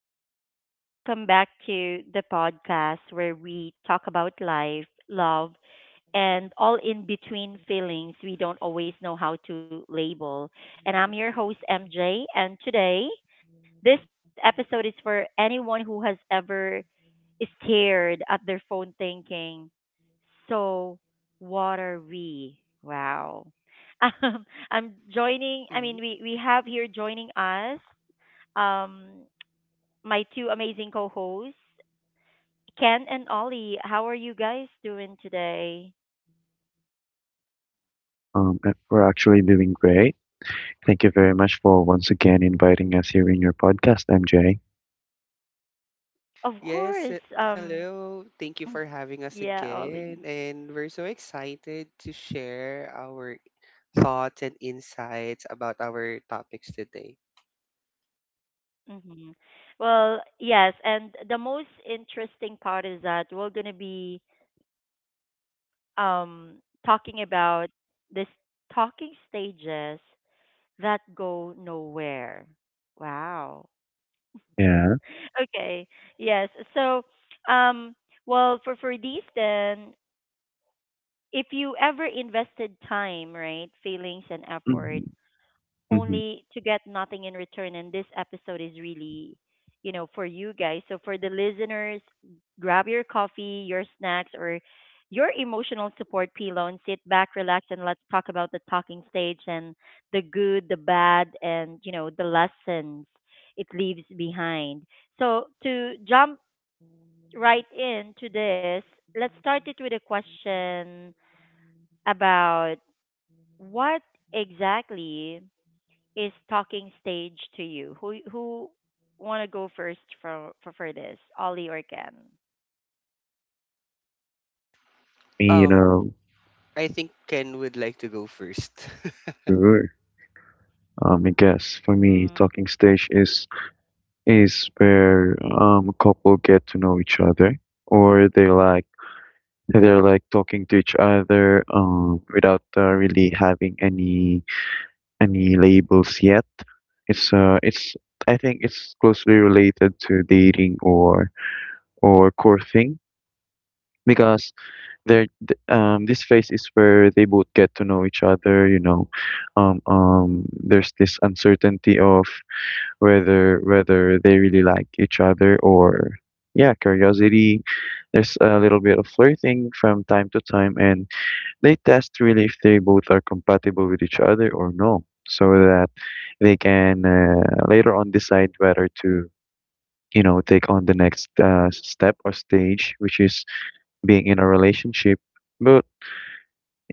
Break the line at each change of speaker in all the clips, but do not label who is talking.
everyone. Welcome back to the podcast where we talk about life, love, and all in between feelings we don't always know how to label. And I'm your host, MJ. And today, this episode is for anyone who has ever stared at their phone thinking, so what are we? Wow. I'm joining, I mean,
Mhm.
we have here joining us. Um, my two amazing co-hosts, Ken and Ollie. How are you guys doing today?
We're actually doing great. Thank you very much for once again inviting us here in your podcast, MJ.
Of course.
Yes, hello. Thank you for having
Yeah,
us
Ollie.
again. And we're so excited to share our thoughts and insights about our topics today.
hmm Well, yes, and the most interesting part is that we're going to be um talking about this talking stages that go nowhere. Wow.
Yeah.
Okay. Yes. So, um well, for these then, if you ever invested time, right, feelings and effort
hmm hmm
only to get nothing in return, and this episode is really, you know, for you guys. So for the listeners, grab your coffee, your snacks, or your emotional support pillow and sit back, relax, and let's talk about the talking stage and the good, the bad, and, you know, the lessons it leaves behind. So to jump right into this, let's start it with a question about what exactly is talking stage to you? Who want to go first for, for this, Ollie or Ken?
Me, you
Um,
know,
I think Ken would like to go first.
sure. I guess for me,
Mm.
talking stage is is where a couple get to know each other, or they're like talking to each other without really having any labels yet. It's I think it's closely related to dating or courting because this phase is where they both get to know each other, you know, um um there's this uncertainty of whether they really like each other, or yeah, curiosity. There's a little bit of flirting from time to time, and they test really if they both are compatible with each other or no, so that they can later on decide whether to, you know, take on the next step or stage, which is being in a relationship. But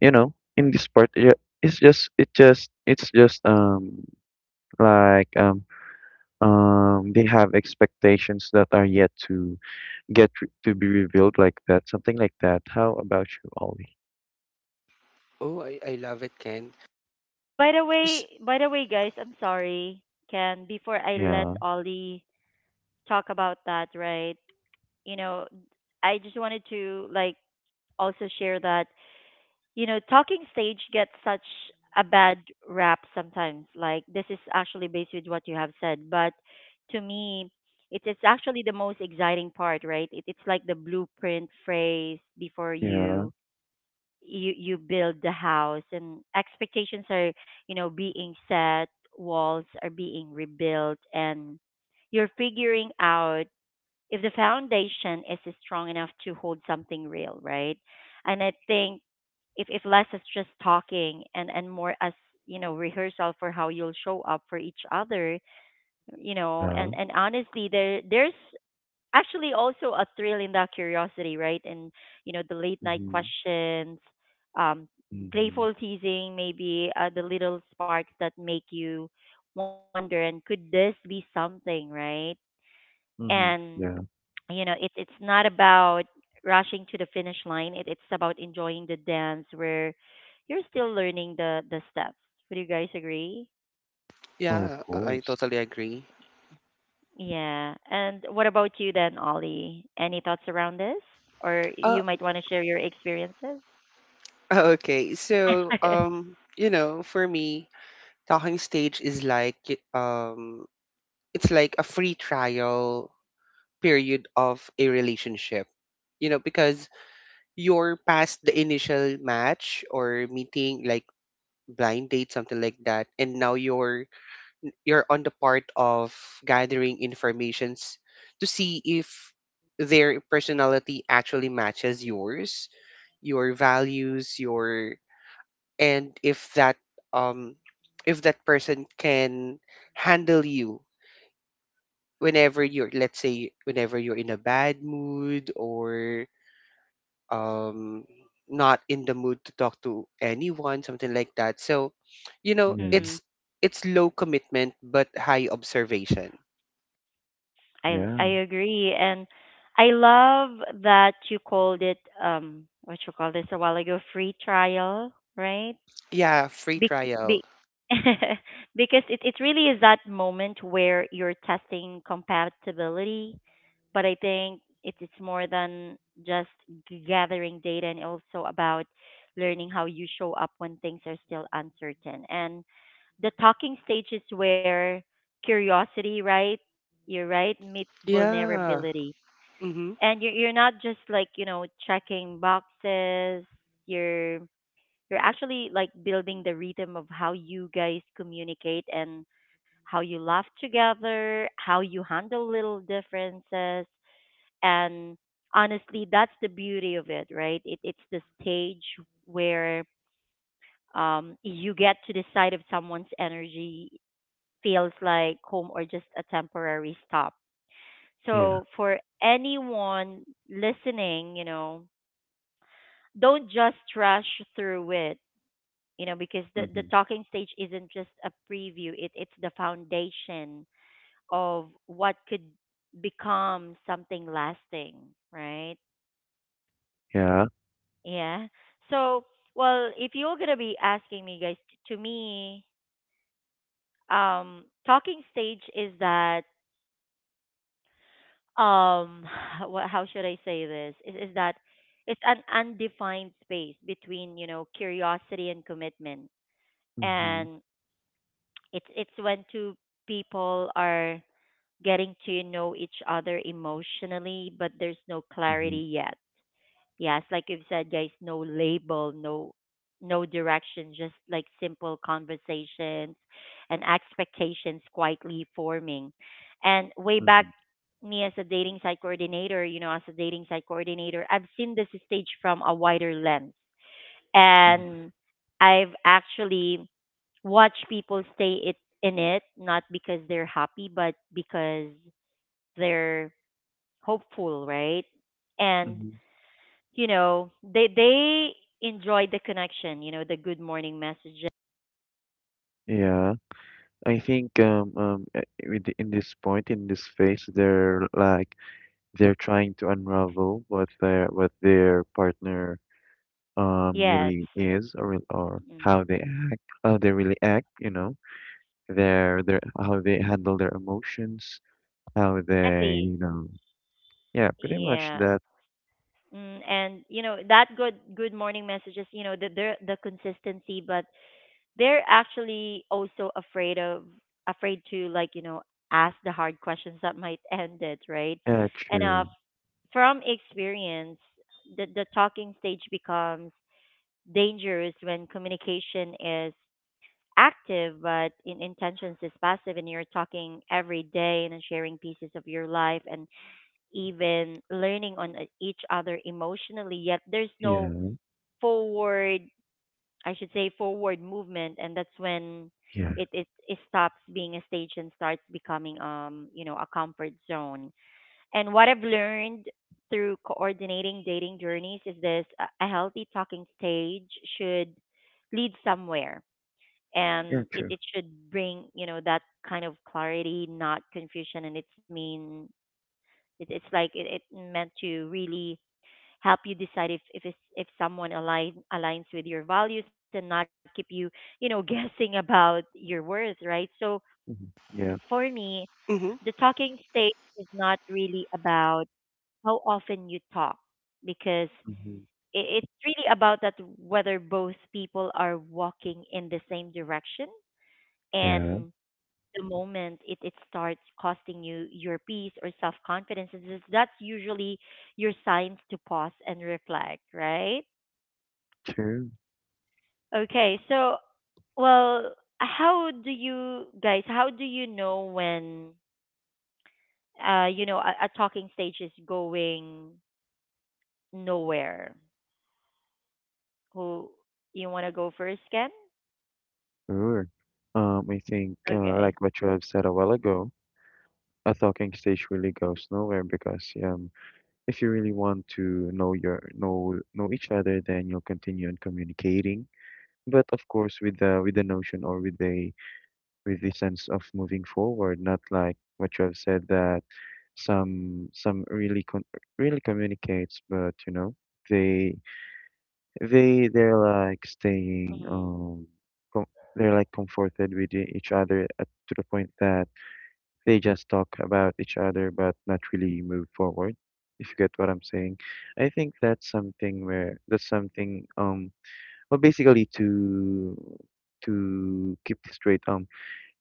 you know, in this part, yeah, it's just like they have expectations that are yet to to be revealed, like that, something like that. How about you, Ollie?
Oh, I love it, Ken.
Oh,
S-
by the way, guys, I'm sorry, Ken. Before I let
Yeah,
Ollie talk about that, right? You know, I just wanted to like also share that, you know, talking stage gets such a bad rap sometimes. Like this is actually based with what you have said, but to me, it is actually the most exciting part, right? It, it's like the blueprint phrase before
yeah,
you build the house, and expectations are, you know, being set, walls are being rebuilt, and you're figuring out if the foundation is strong enough to hold something real, right? And I think if less is just talking and more as, you know, rehearsal for how you'll show up for each other, you know,
yeah.
and honestly, there there's actually also a thrill in that curiosity, right? And you know the late night
Mhm,
questions, um,
mhm,
playful teasing, maybe the little sparks that make you wonder and could this be something, right?
mhm.
And
Yeah.
you know it, it's not about rushing to the finish line. It, it's about enjoying the dance where you're still learning the steps. Would you guys agree?
Well, of
Yeah, I
course.
totally agree.
Yeah, and what about you then, Ollie? Any thoughts around this, or
Uh,
you might want to share your experiences?
okay. So, for me, talking stage is like it's like a free trial period of a relationship. Because you're past the initial match or meeting, like blind date, something like that, and now you're on the part of gathering informations to see if their personality actually matches yours, your values, your, and um if that person can handle you whenever you're, let's say, whenever you're in a bad mood or um not in the mood to talk to anyone, something like that. So you know
Yeah,
it's
hmm
it's low commitment but high observation.
yeah,
I agree, and I love that you called it what you call this a while ago, free trial, right?
Yeah, free
Be-
trial.
be- because it really is that moment where you're testing compatibility. But I think it is more than just gathering data and also about learning how you show up when things are still uncertain. And the talking stage is where curiosity, right? You're right, meets
Yeah.
vulnerability.
Mm-hmm.
And you're not just like, you know, checking boxes, you're you're actually like building the rhythm of how you guys communicate and how you laugh together, how you handle little differences. And honestly, that's the beauty of it, right? It, it's the stage where you get to decide if someone's energy feels like home or just a temporary stop. So,
yeah.
for anyone listening, you know, don't just rush through it, you know, because the
Mhm,
talking stage isn't just a preview. It it's the foundation of what could become something lasting, right?
yeah.
Yeah. So, well, if you're going to be asking me, guys, to me, talking stage is that, um what, how should I say this, is that it's an undefined space between, you know, curiosity and commitment.
Mhm,
And it's when two people are getting to know each other emotionally, but there's no
mhm,
clarity yet. Yes, like you've said, guys, no label, no no direction, just like simple conversations and expectations quietly forming. And way back
mhm,
me as a dating site coordinator, you know, as a dating site coordinator, I've seen this stage from a wider lens.
mhm,
And I've actually watched people stay it in it not because they're happy but because they're hopeful, right? And
mhm.
you know, they enjoy the connection, you know, the good morning messages.
Yeah. I think in this point, in this phase, they're like they're trying to unravel what their partner
Yes.
really is, or or
Mm.
how they act, how they really act, you know, their how they handle their emotions, how they,
Exactly.
you know, yeah, pretty much
Yeah.
that.
Mm, and you know that good good morning messages, you know, the they're the consistency, but they're actually also afraid of afraid to, like, you know, ask the hard questions that might end it, right?
Yeah,
And
true.
from experience, the talking stage becomes dangerous when communication is active but in intentions is passive, and you're talking every day and sharing pieces of your life and even learning on each other emotionally, yet there's no
Yeah,
forward, I should say forward movement. And that's when
yeah,
it stops being a stage and starts becoming, you know, a comfort zone. And what I've learned through coordinating dating journeys is this, a healthy talking stage should lead somewhere.
yeah,
And it,
true.
it should bring, you know, that kind of clarity, not confusion. And it's mean, it, it's like it meant to really help you decide if, it's, if someone align, aligns with your values and not keep you, you know, guessing about your worth, right? So
Hmm, yeah.
for me,
Mm-hmm.
the talking stage is not really about how often you talk because
Hmm,
it's really about that whether both people are walking in the same direction.
yeah,
And the moment it, it starts costing you your peace or self confidence, that's usually your signs to pause and reflect, right?
true.
Okay, so, well, how do you guys, how do you know when you know a talking stage is going nowhere? Who, you want to go first, Ken?
Sure. I think
Okay.
like what you have said a while ago, a talking stage really goes nowhere because if you really want to know know each other, then you'll continue on communicating, but of course with the, notion or with the, with the sense of moving forward, not like what you have said, that some really con really communicates, but you know, they they're like staying,
Mm,
com they're like comforted with each other, at, to the point that they just talk about each other but not really move forward. If you get what I'm saying, I think that's something where, that's something, basically to keep this straight,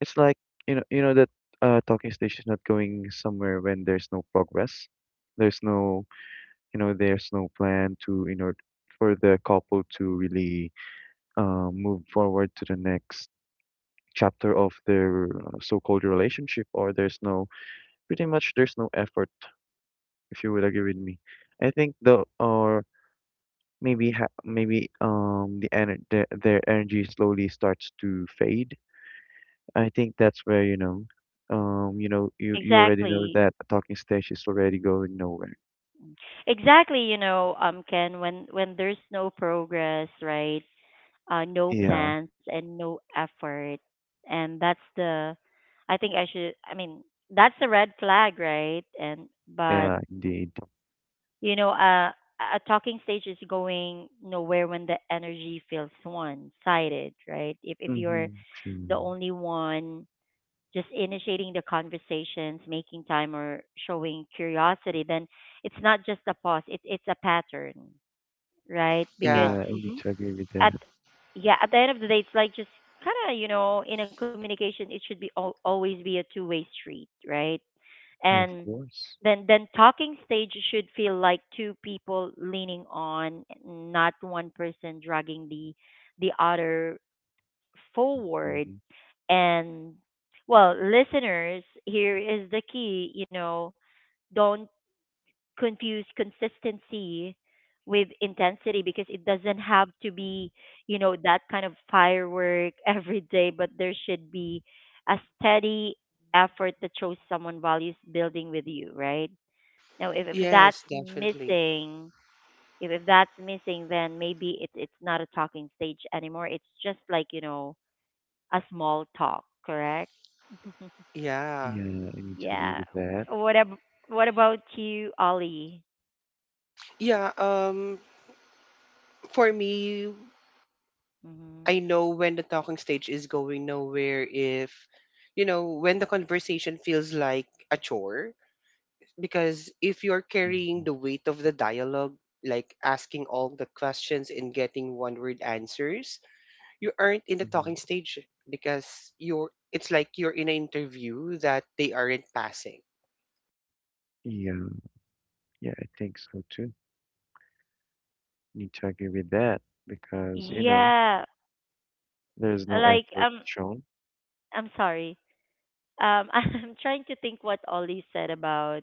it's like, you know, you know that talking stage is not going somewhere when there's no progress. There's no, you know, there's no plan to, in order for the couple to really move forward to the next chapter of their so-called relationship, or there's no, pretty much there's no effort, if you would agree with me. I think the, or maybe ha maybe their energy slowly starts to fade. I think that's where, you know, you know, you already know
exactly.
that a talking stage is already going nowhere.
Mm. Exactly, you know, Ken, when there's no progress, right? No
Yeah,
plans and no effort. And that's the I think I should I mean, that's a red flag, right? And but
yeah, indeed.
you know, a talking stage is going nowhere when the energy feels one sided, right? If
Mm-hmm.
you're
True.
the only one just initiating the conversations, making time or showing curiosity, then it's not just a pause, it's a pattern, right? Because
Yeah.
Yeah, I need
Mm-hmm.
to agree with
at
that.
yeah, at the end of the day it's like just kind of, you know, in a communication it should be always be a two-way street, right?
Yeah, of
And
course.
then talking stage should feel like two people leaning on, not one person dragging the other forward.
Hmm.
And well, listeners, here is the key, you know, don't confuse consistency with intensity because it doesn't have to be, you know, that kind of firework every day, but there should be a steady effort that shows someone values building with you, right? Now if that's
Yes, definitely.
missing, if that's missing, then maybe it's not a talking stage anymore, it's just like, you know, a small talk, correct?
Yeah.
Yeah, I need to agree
Yeah.
with that.
What ab- what about you, Ollie?
Yeah, for me,
hmm
I know when the talking stage is going nowhere if, when the conversation feels like a chore. Because if you're carrying
Hmm.
the weight of the dialogue, like asking all the questions and getting one word answers, you aren't in the
Hmm.
talking stage. Because you're it's like you're in an interview that they aren't passing.
Yeah, yeah, I think so too. Need to agree with that because you know.
Yeah,
There's no
like
effort shown.
I'm sorry. I'm trying to think what Ollie said about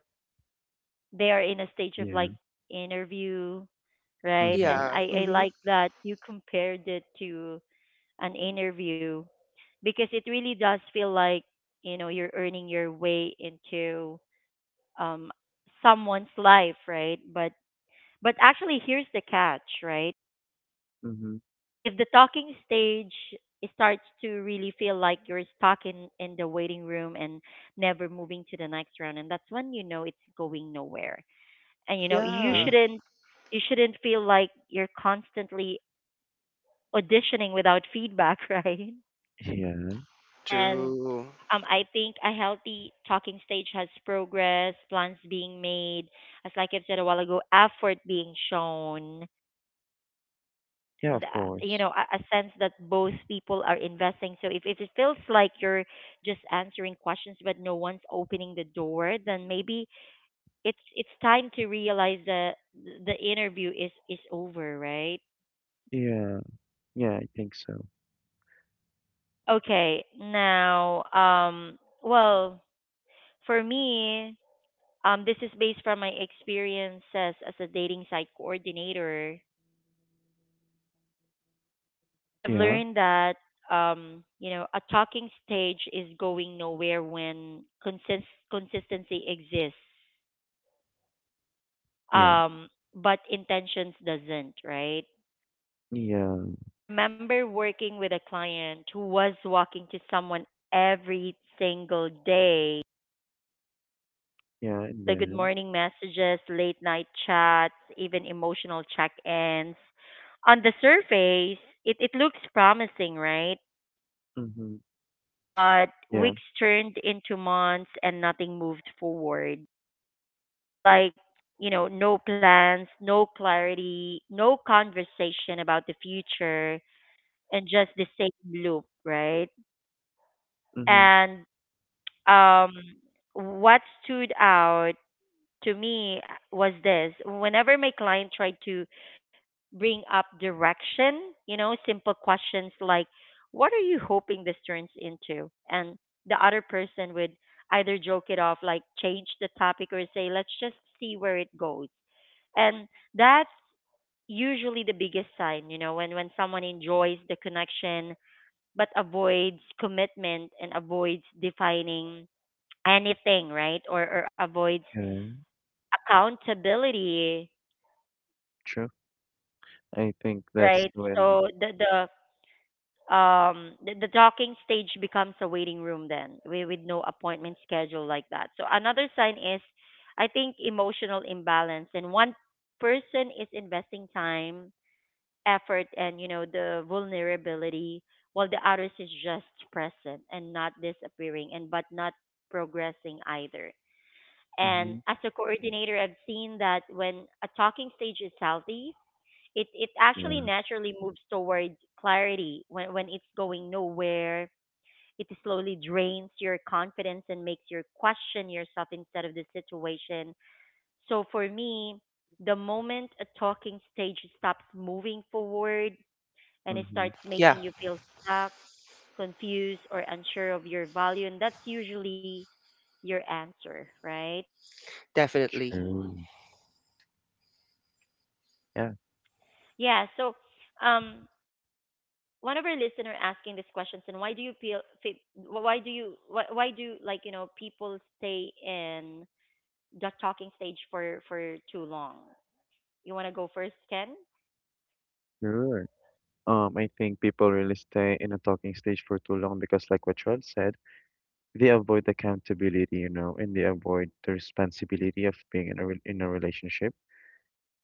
they are in a stage of
Yeah.
like interview, right?
Mm-hmm.
And
Yeah.
I
Mm-hmm.
like that you compared it to an interview because it really does feel like, you know, you're earning your way into um someone's life, right? But actually, here's the catch, right?
Mm-hmm.
If the talking stage starts to really feel like you're stuck in the waiting room and never moving to the next round, and that's when you know it's going nowhere. And you know
Yeah.
True.
you shouldn't feel like you're constantly auditioning without feedback, right?
Yeah.
And
True.
I think a healthy talking stage has progress, plans being made, as like I've said a while ago, effort being shown,
Yeah,
and
of
you
course.
know a sense that both people are investing. So if it feels like you're just answering questions but no one's opening the door, then maybe it's time to realize that the interview is over, right?
Yeah. Yeah, I think so.
Okay, now, well, for me, this is based from my experiences as a dating site coordinator. I've
Yeah.
learned that, you know, a talking stage is going nowhere when consistency exists,
Yeah.
um, but intentions doesn't, right?
Yeah.
Remember working with a client who was walking to someone every single day.
Yeah.
You
And
know, the good
then.
morning messages, late night chats, even emotional check-ins. On the surface, it looks promising, right?
Mm-hmm.
But
Yeah.
weeks turned into months and nothing moved forward. So, like, you know, no plans, no clarity, no conversation about the future, and just the same loop, right?
Mm-hmm.
And um, what stood out to me was this: whenever my client tried to bring up direction, you know, simple questions like, "What are you hoping this turns into?" And the other person would either joke it off, like change the topic, or say, "Let's just see where it goes." And that's usually the biggest sign, you know, when someone enjoys the connection but avoids commitment and avoids defining anything, right? Or avoids
Yeah.
accountability,
True. I think that's
right?
when.
So the docking stage becomes a waiting room then with no appointment schedule like that. So another sign is I think emotional imbalance, and one person is investing time, effort, and you know, the vulnerability, while the others is just present and not disappearing and but not progressing either.
Mm-hmm.
And as a coordinator, I've seen that when a talking stage is healthy, it
Yeah.
actually naturally moves towards clarity. When it's going nowhere, it slowly drains your confidence and makes you question yourself instead of the situation. So for me, the moment a talking stage stops moving forward and it
Mm-hmm.
starts
Yeah,
making you feel stuck, confused, or unsure of your value, and that's usually your answer, right?
definitely.
True.
Yeah, so um
Yeah.
one of our listener asking these questions, and why do you feel why do like, you know, people stay in the talking stage for too long? You want to go first, Ken?
Sure. I think people really stay in a talking stage for too long because, like what Charles said, they avoid accountability, you know, and they avoid the responsibility of being in a re in a relationship.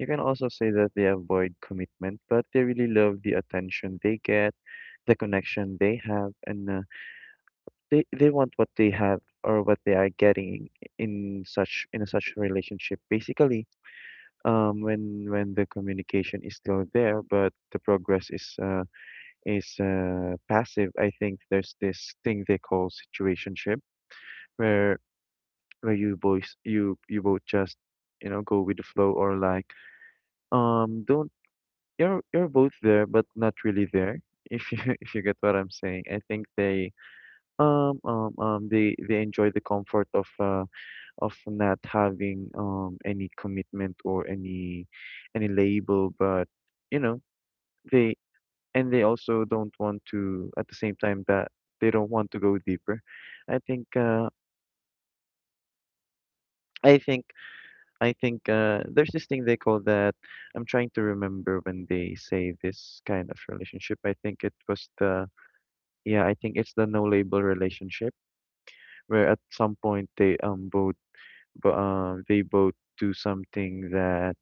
You can also say that they avoid commitment, but they really love the attention they get, the connection they have, and they want what they have or what they are getting in such, in a such relationship. Basically, when the communication is still there, but the progress is passive, I think there's this thing they call situationship, where you boys, you both just, you know, go with the flow, or like don't, you're both there but not really there, if you if you get what I'm saying. I think they enjoy the comfort of not having any commitment or any label, but you know, they, and they also don't want to at the same time, that they don't want to go deeper. I think uh I think I think there's this thing they call that, I'm trying to remember when they say this kind of relationship. I think it was the, yeah, I think it's the no label relationship, where at some point they both, they both do something that,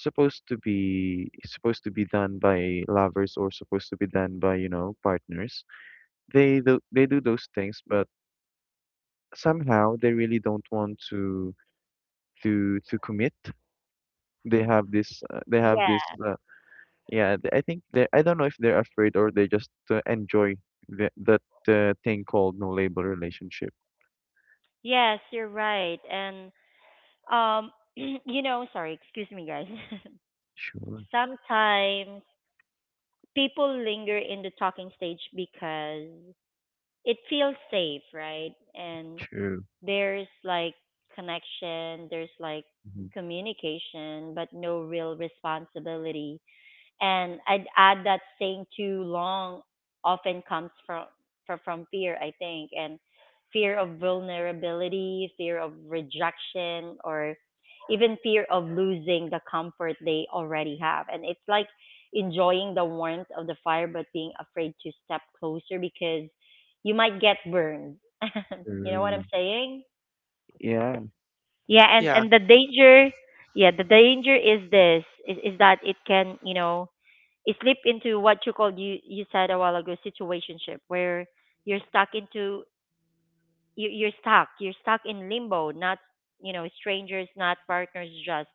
supposed to be, supposed to be done by lovers, or supposed to be done by, you know, partners. They do, they do those things, but somehow they really don't want to to commit. They have this
Yeah,
yeah, I think they, I don't know if they're afraid or they just enjoy the, that thing called no label relationship.
yes, you're right. And you know, sorry, excuse me, guys.
Sure,
Sometimes people linger in the talking stage because it feels safe, right? And
true.
there's like connection, there's like
Mhm.
communication, but no real responsibility. And I'd add that staying too long often comes from from fear, I think, and fear of vulnerability, fear of rejection, or even fear of losing the comfort they already have. And it's like enjoying the warmth of the fire, but being afraid to step closer because you might get burned. You know what
Mm,
I'm saying?
yeah,
Yeah,
Yeah.
and the danger, yeah, the danger is this is that it can, you know, it slip into what you called, you said a while ago, situationship, where you're stuck into you're stuck in limbo, not, you know, strangers, not partners, just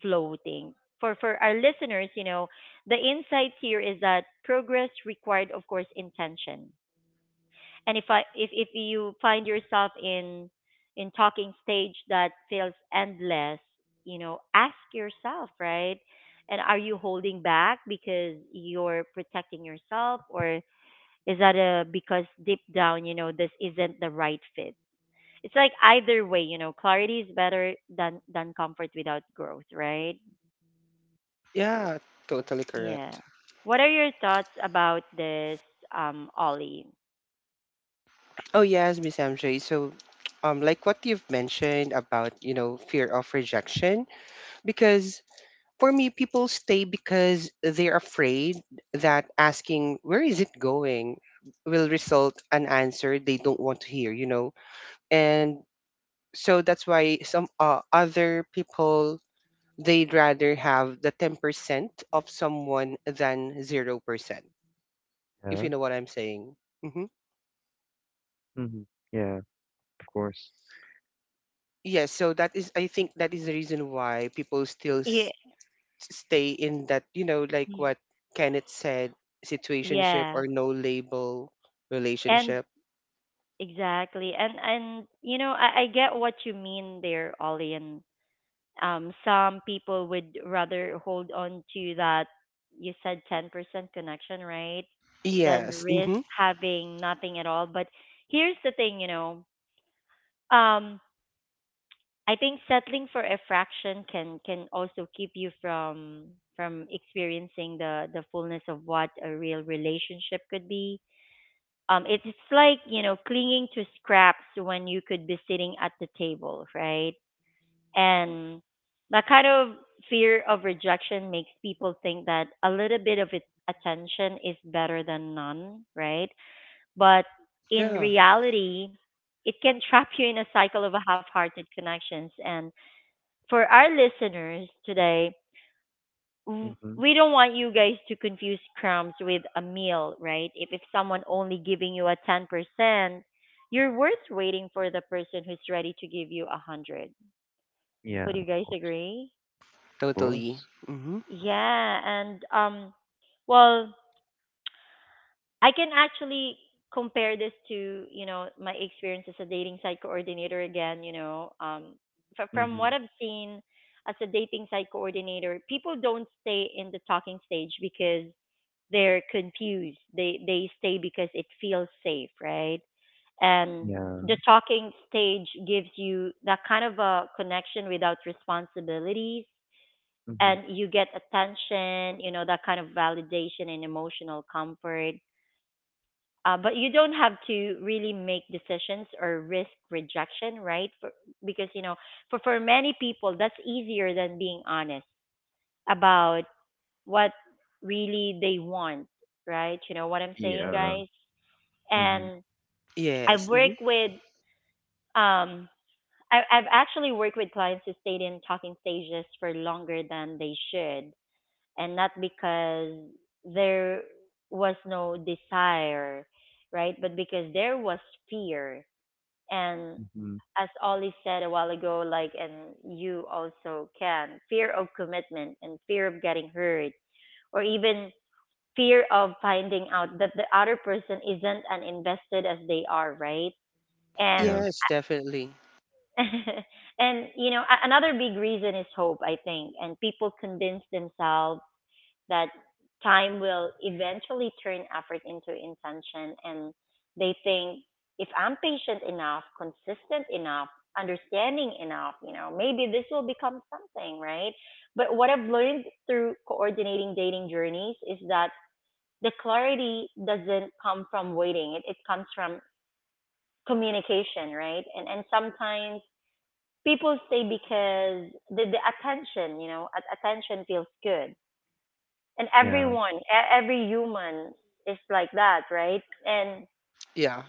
floating. For our listeners, you know, the insight here is that progress required, of course, intention. And if I if you find yourself in talking stage that feels endless, you know, ask yourself, right? And are you holding back because you're protecting yourself, or is that a because deep down you know this isn't the right fit? It's like, either way, you know, clarity is better than comfort without growth, right?
Yeah, totally
Yeah,
correct.
what are your thoughts about this, Ollie?
Oh, yes, Miss MJ. So, like what you've mentioned about, fear of rejection. Because for me, people stay because they're afraid that asking where is it going will result an answer they don't want to hear, you know. And so that's why some other people, they'd rather have the 10% of someone than 0%, if
yeah,
you know what I'm saying. Hmm.
hmm, yeah, of course.
Yes, so that is I think that is the reason why people still
Yeah,
stay in that, like what Kenneth said, situationship
yeah.
or no label
And
relationship.
exactly. And you know, I get what you mean there, Ollie. And some people would rather hold on to that, you said, 10% connection, right? Than
Yes.
risk
Mm-hmm.
having nothing at all. But here's the thing, you know, um I think settling for a fraction can also keep you from experiencing the fullness of what a real relationship could be. It's like, you know, clinging to scraps when you could be sitting at the table, right? And that kind of fear of rejection makes people think that a little bit of it, attention, is better than none, right? But in
Yeah.
reality, it can trap you in a cycle of half-hearted connections. And for our listeners today,
Hmm.
we don't want you guys to confuse crumbs with a meal, right? If someone only giving you a 10%, you're worth waiting for the person who's ready to give you a 100.
Yeah,
Would you
of
guys
course,
agree?
of
Totally.
course.
Mm-hmm.
Yeah, and well, I can actually compare this to, you know, my experience as a dating site coordinator again, you know, from
Hmm.
what I've seen as a dating site coordinator, people don't stay in the talking stage because they're confused. They stay because it feels safe, right? And
Yeah,
the talking stage gives you that kind of a connection without responsibilities,
hmm,
and you get attention, you know, that kind of validation and emotional comfort. But you don't have to really make decisions or risk rejection, right? For, because you know, for many people, that's easier than being honest about what really they want, right? You know what I'm saying,
yeah,
guys? And
hmm,
Yes.
I've
Mm-hmm.
worked with um I've actually worked with clients who stayed in talking stages for longer than they should, and not because there was no desire, right? But because there was fear. And
hmm,
as Ollie said a while ago, like, and you also can fear of commitment and fear of getting hurt, or even fear of finding out that the other person isn't as invested as they are, right? And
yeah,
Yes, definitely.
and you know, another big reason is hope, I think. And people convince themselves that time will eventually turn effort into intention, and they think, if I'm patient enough, consistent enough, understanding enough, you know, maybe this will become something, right? But what I've learned through coordinating dating journeys is that the clarity doesn't come from waiting. It comes from communication, right? And sometimes people stay because the attention, you know, attention feels good. And
yeah,
everyone, every human is like that, right? And
Yeah.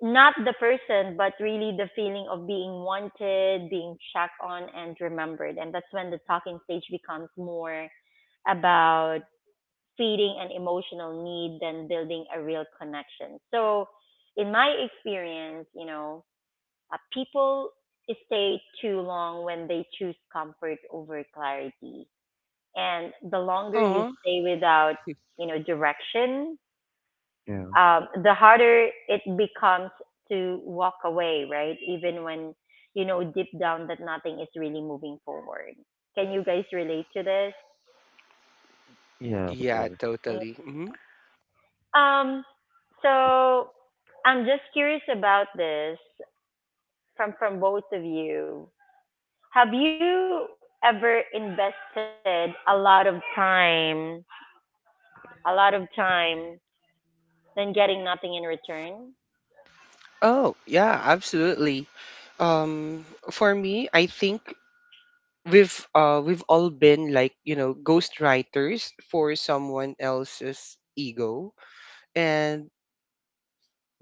not the person, but really the feeling of being wanted, being checked on, and remembered. And that's when the talking stage becomes more about feeding an emotional need than building a real connection. So, in my experience, you know, people stay too long when they choose comfort over clarity. And the longer you
Oh.
stay without, you know, direction,
yeah,
the harder it becomes to walk away, right? Even when you know deep down that nothing is really moving forward. Can you guys relate to this?
yeah, of
Yeah,
course.
totally. Hmm.
Um, so I'm just curious about this from both of you. Have you ever invested a lot of time, a lot of time, then getting nothing in return?
Oh, yeah, absolutely. Um, for me, I think we've all been, like, ghostwriters for someone else's ego. And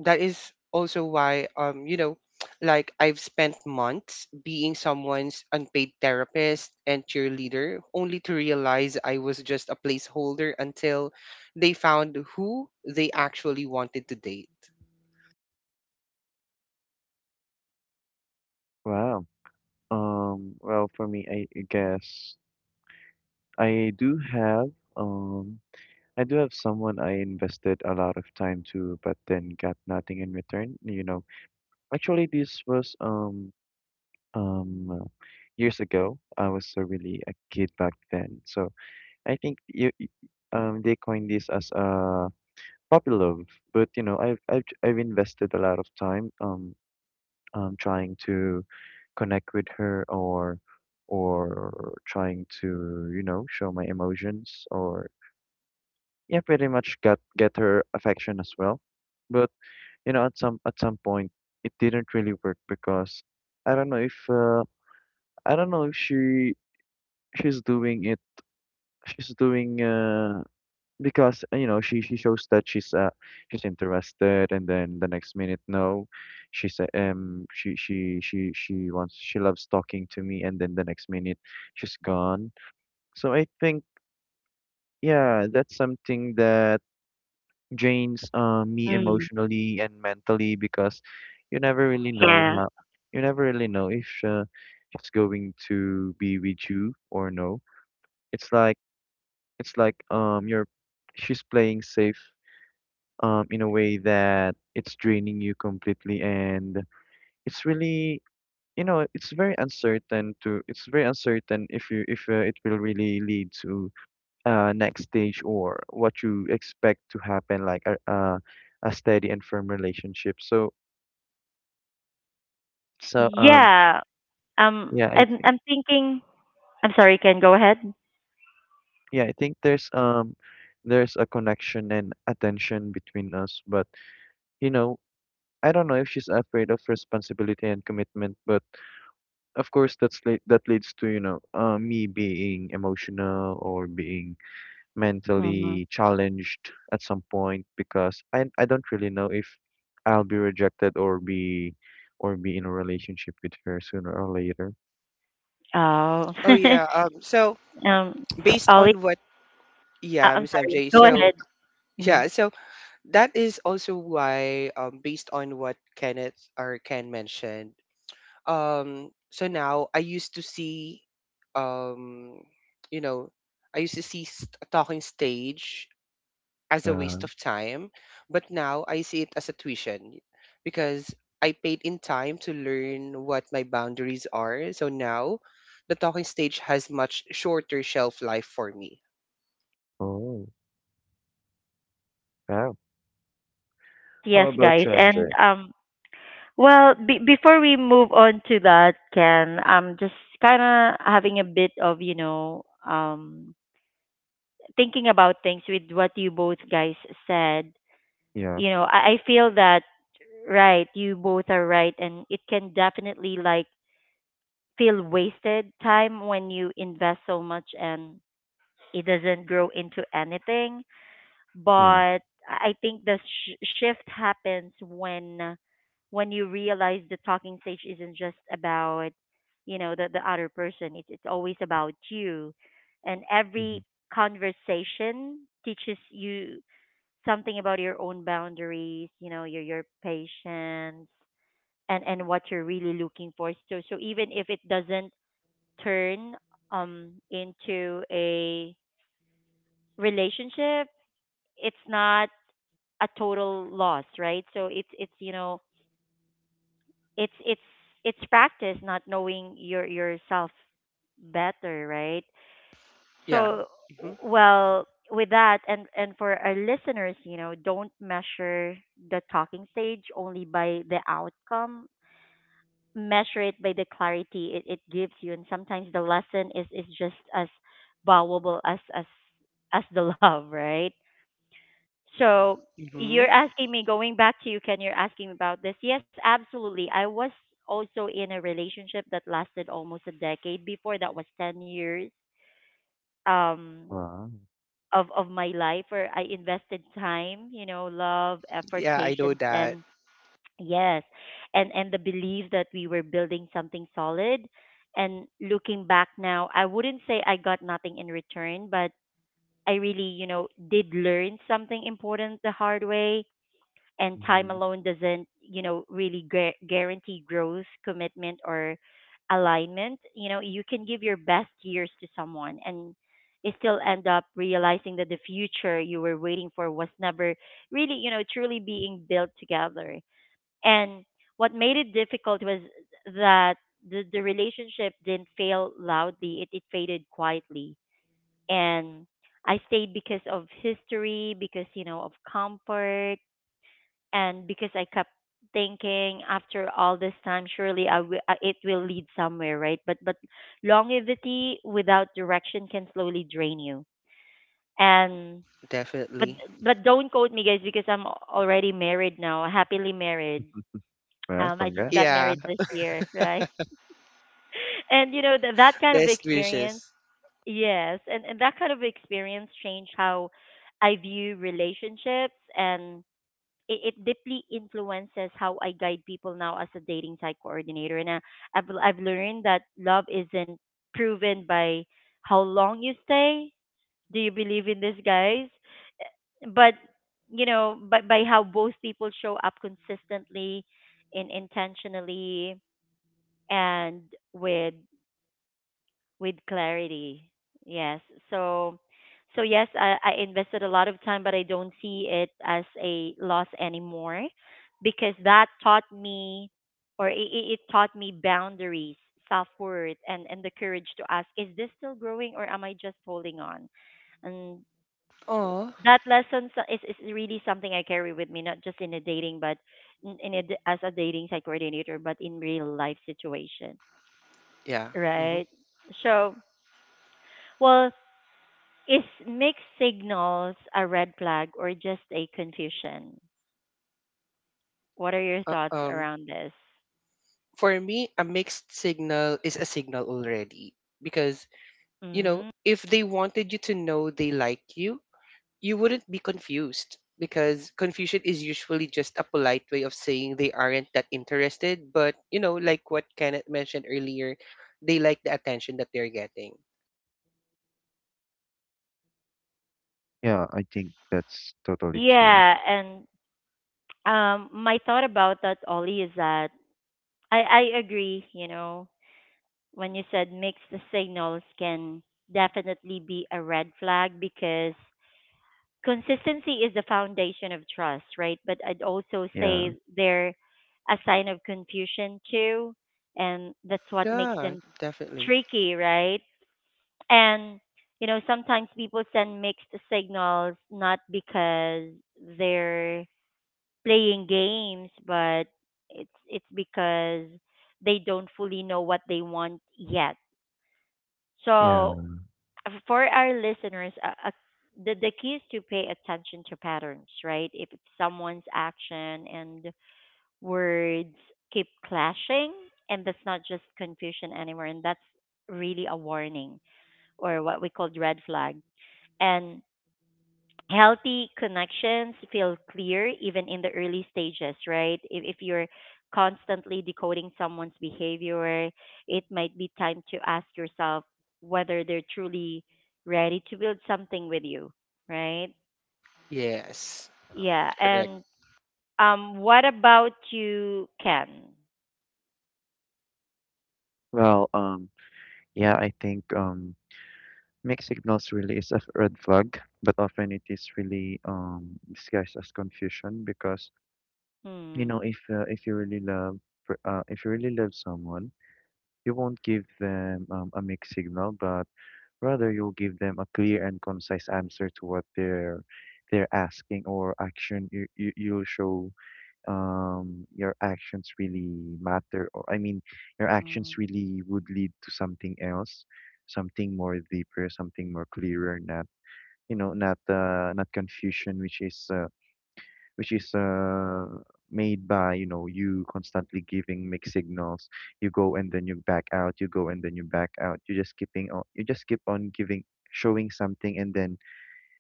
that is also why like I've spent months being someone's unpaid therapist and cheerleader, only to realize I was just a placeholder until they found who they actually wanted to date.
Wow. Well, for me, I guess I do have, um, I do have someone I invested a lot of time to, but then got nothing in return. You know, actually, this was, um years ago. I was so really a kid back then. So I think they coined this as a puppy love, but you know, I've invested a lot of time trying to connect with her, or trying to, you know, show my emotions, or yeah, pretty much get her affection as well. But you know, at some point it didn't really work because I don't know if I don't know if she, she's doing it she's doing because you know, she shows that she's interested, and then the next minute no, she said she wants, she loves talking to me, and then the next minute she's gone. So I think, yeah, that's something that drains me
Mm.
emotionally and mentally because, you never really know
Yeah.
how, you never really know if she's going to be with you or no. It's like, it's like you're, she's playing safe in a way that it's draining you completely, and it's really, you know, it's very uncertain if you, if it will really lead to next stage, or what you expect to happen, like a steady and firm relationship. So so um
Yeah. Um,
yeah, I
I'm,
think,
I'm thinking, I'm sorry, Ken, go ahead.
yeah, I think there's a connection and attention between us, but you know, I don't know if she's afraid of responsibility and commitment, but of course that's that leads to, you know, me being emotional or being
Mm.
mentally challenged at some point, because I don't really know if I'll be rejected, or be, or be in a relationship with her sooner or later.
Oh.
Oh, yeah. So,
um,
based
Ollie,
on what, yeah,
I'm
Miss
sorry,
MJ,
go
so
ahead. Mm.
yeah, so that is also why, based on what Kenneth or Ken mentioned, so now I used to see um you know I used to see a talking stage as a
Uh,
waste of time, but now I see it as a tuition because I paid in time to learn what my boundaries are. So now the talking stage has much shorter shelf life for me.
oh, wow.
Yes,
How
yes,
about
guys.
you,
And
MJ?
well, before we move on to that, Ken, I'm just kind of having a bit of, you know, thinking about things with what you both guys said.
Yeah,
You know, I feel that, right, you both are right. And it can definitely, like, feel wasted time when you invest so much and it doesn't grow into anything,
yeah.
but I think the shift happens when you realize the talking stage isn't just about, you know, the other person. It's always about you, and
Hmm.
every conversation teaches you something about your own boundaries. You know, your patience and what you're really looking for. So so even if it doesn't turn into a relationship, it's not a total loss, right? So it's you know it's it's it's practice not knowing your yourself better, right?
Yeah.
So
Hmm.
well, with that, and for our listeners, you know, don't measure the talking stage only by the outcome. Measure it by the clarity it gives you, and sometimes the lesson is just as valuable as the love, right? So
Hmm.
you're asking me, going back to you, Ken, you're asking about this. Yes, absolutely. I was also in a relationship that lasted almost a decade. Before that was 10 years um,
Wow.
of my life where I invested time, you know, love, effort,
Yeah, I know
patience,
that.
and yes, and the belief that we were building something solid. And looking back now, I wouldn't say I got nothing in return, but I really, you know, did learn something important the hard way. And time
Hmm.
alone doesn't, you know, really guarantee growth, commitment, or alignment. You know, you can give your best years to someone and it still end up realizing that the future you were waiting for was never really, you know, truly being built together. And what made it difficult was that the relationship didn't fail loudly, it faded quietly. And I stayed because of history, because, you know, of comfort, and because I kept thinking, after all this time, surely I it will lead somewhere, right? But longevity without direction can slowly drain you. And but
Definitely.
but don't quote me, guys, because I'm already married now, happily married.
Well,
I just got
congrats.
Yeah.
married this year, right? And you know, that that kind of
Best
experience,
wishes.
yes, and that kind of experience changed how I view relationships. And it deeply influences how I guide people now as a dating site coordinator. And I've learned that love isn't proven by how long you stay. Do you believe in this, guys? But you know, by how both people show up consistently and intentionally and with with clarity. Yes. So so yes, I invested a lot of time, but I don't see it as a loss anymore because that taught me, or it taught me boundaries, self worth, and the courage to ask, is this still growing or am I just holding on? And
Oh,
that is really something I carry with me, not just in a dating, but as a dating site coordinator, but in real life situation,
yeah. Hmm.
right? So, well, Is mixed signals a red flag or just a confusion? What are your
uh,
thoughts
um
around this?
for me, a mixed signal is a signal already because,
Mm.
if they wanted you to know they like you wouldn't be confused, because confusion is usually just a polite way of saying they aren't that interested. But, like what Kenneth mentioned earlier, they like the attention that they're getting.
Yeah, I think that's totally true.
Yeah, and my thought about that, Ollie, is that I, I agree, you know, when you said mixed signals can definitely be a red flag because consistency is the foundation of trust, right? But I'd also
Yeah,
say they're a sign of confusion too, and that's what makes
Yeah,
them
definitely.
tricky, right? And you know, sometimes people send mixed signals not because they're playing games, but it's because they don't fully know what they want yet.
yeah.
So for our listeners, the key is to pay attention to patterns, right? If it's someone's action and words keep clashing, and that's not just confusion anymore, and that's really a warning or what we called red flag, and healthy connections feel clear even in the early stages, right? If you're constantly decoding someone's behavior, it might be time to ask yourself whether they're truly ready to build something with you, right?
Yes,
Yeah.
correct.
And what about you, Ken?
Well, yeah, I think mixed signals really is a red flag, but often it is really disguised as confusion because,
Hmm.
you know, if you really love, if you really love someone, you won't give them a mixed signal, but rather you'll give them a clear and concise answer to what they're asking, or action you, you'll show your actions really matter, or I mean your
Mm.
actions really would lead to something else, something more deeper, something more clearer, not, you know, not not confusion, which is which is uh made by, you know, you constantly giving mixed signals. You go and then you back out, you go and then you back out. You just keeping on, you just keep on giving, showing something, and then,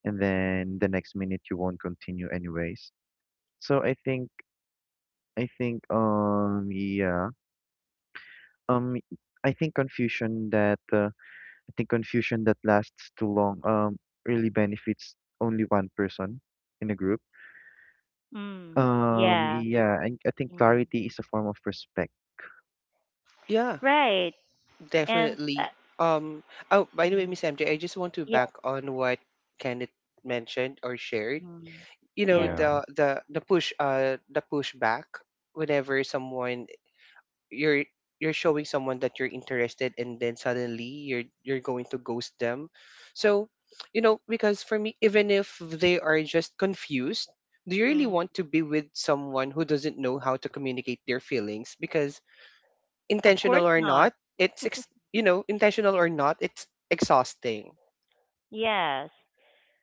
and then the next minute you won't continue anyways. So I think, I think um I think confusion that I think confusion that lasts too long really benefits only one person in a group.
Mm. Yeah.
Yeah, and I think
Mm.
clarity is a form of respect.
Yeah,
Right. And
definitely. Um, oh, by the
mm.
way, Miss MJ, I just want to
Yeah.
back on what Kenneth mentioned or shared,
Mm. Yes.
Yeah,
the pushback whenever someone you're you're showing someone that you're interested, and then suddenly you're going to ghost them. So, because for me, even if they are just confused, do you really
Mm.
want to be with someone who doesn't know how to communicate their feelings? Because
Of
intentional
course
or
not.
not intentional or not, it's exhausting.
Yes,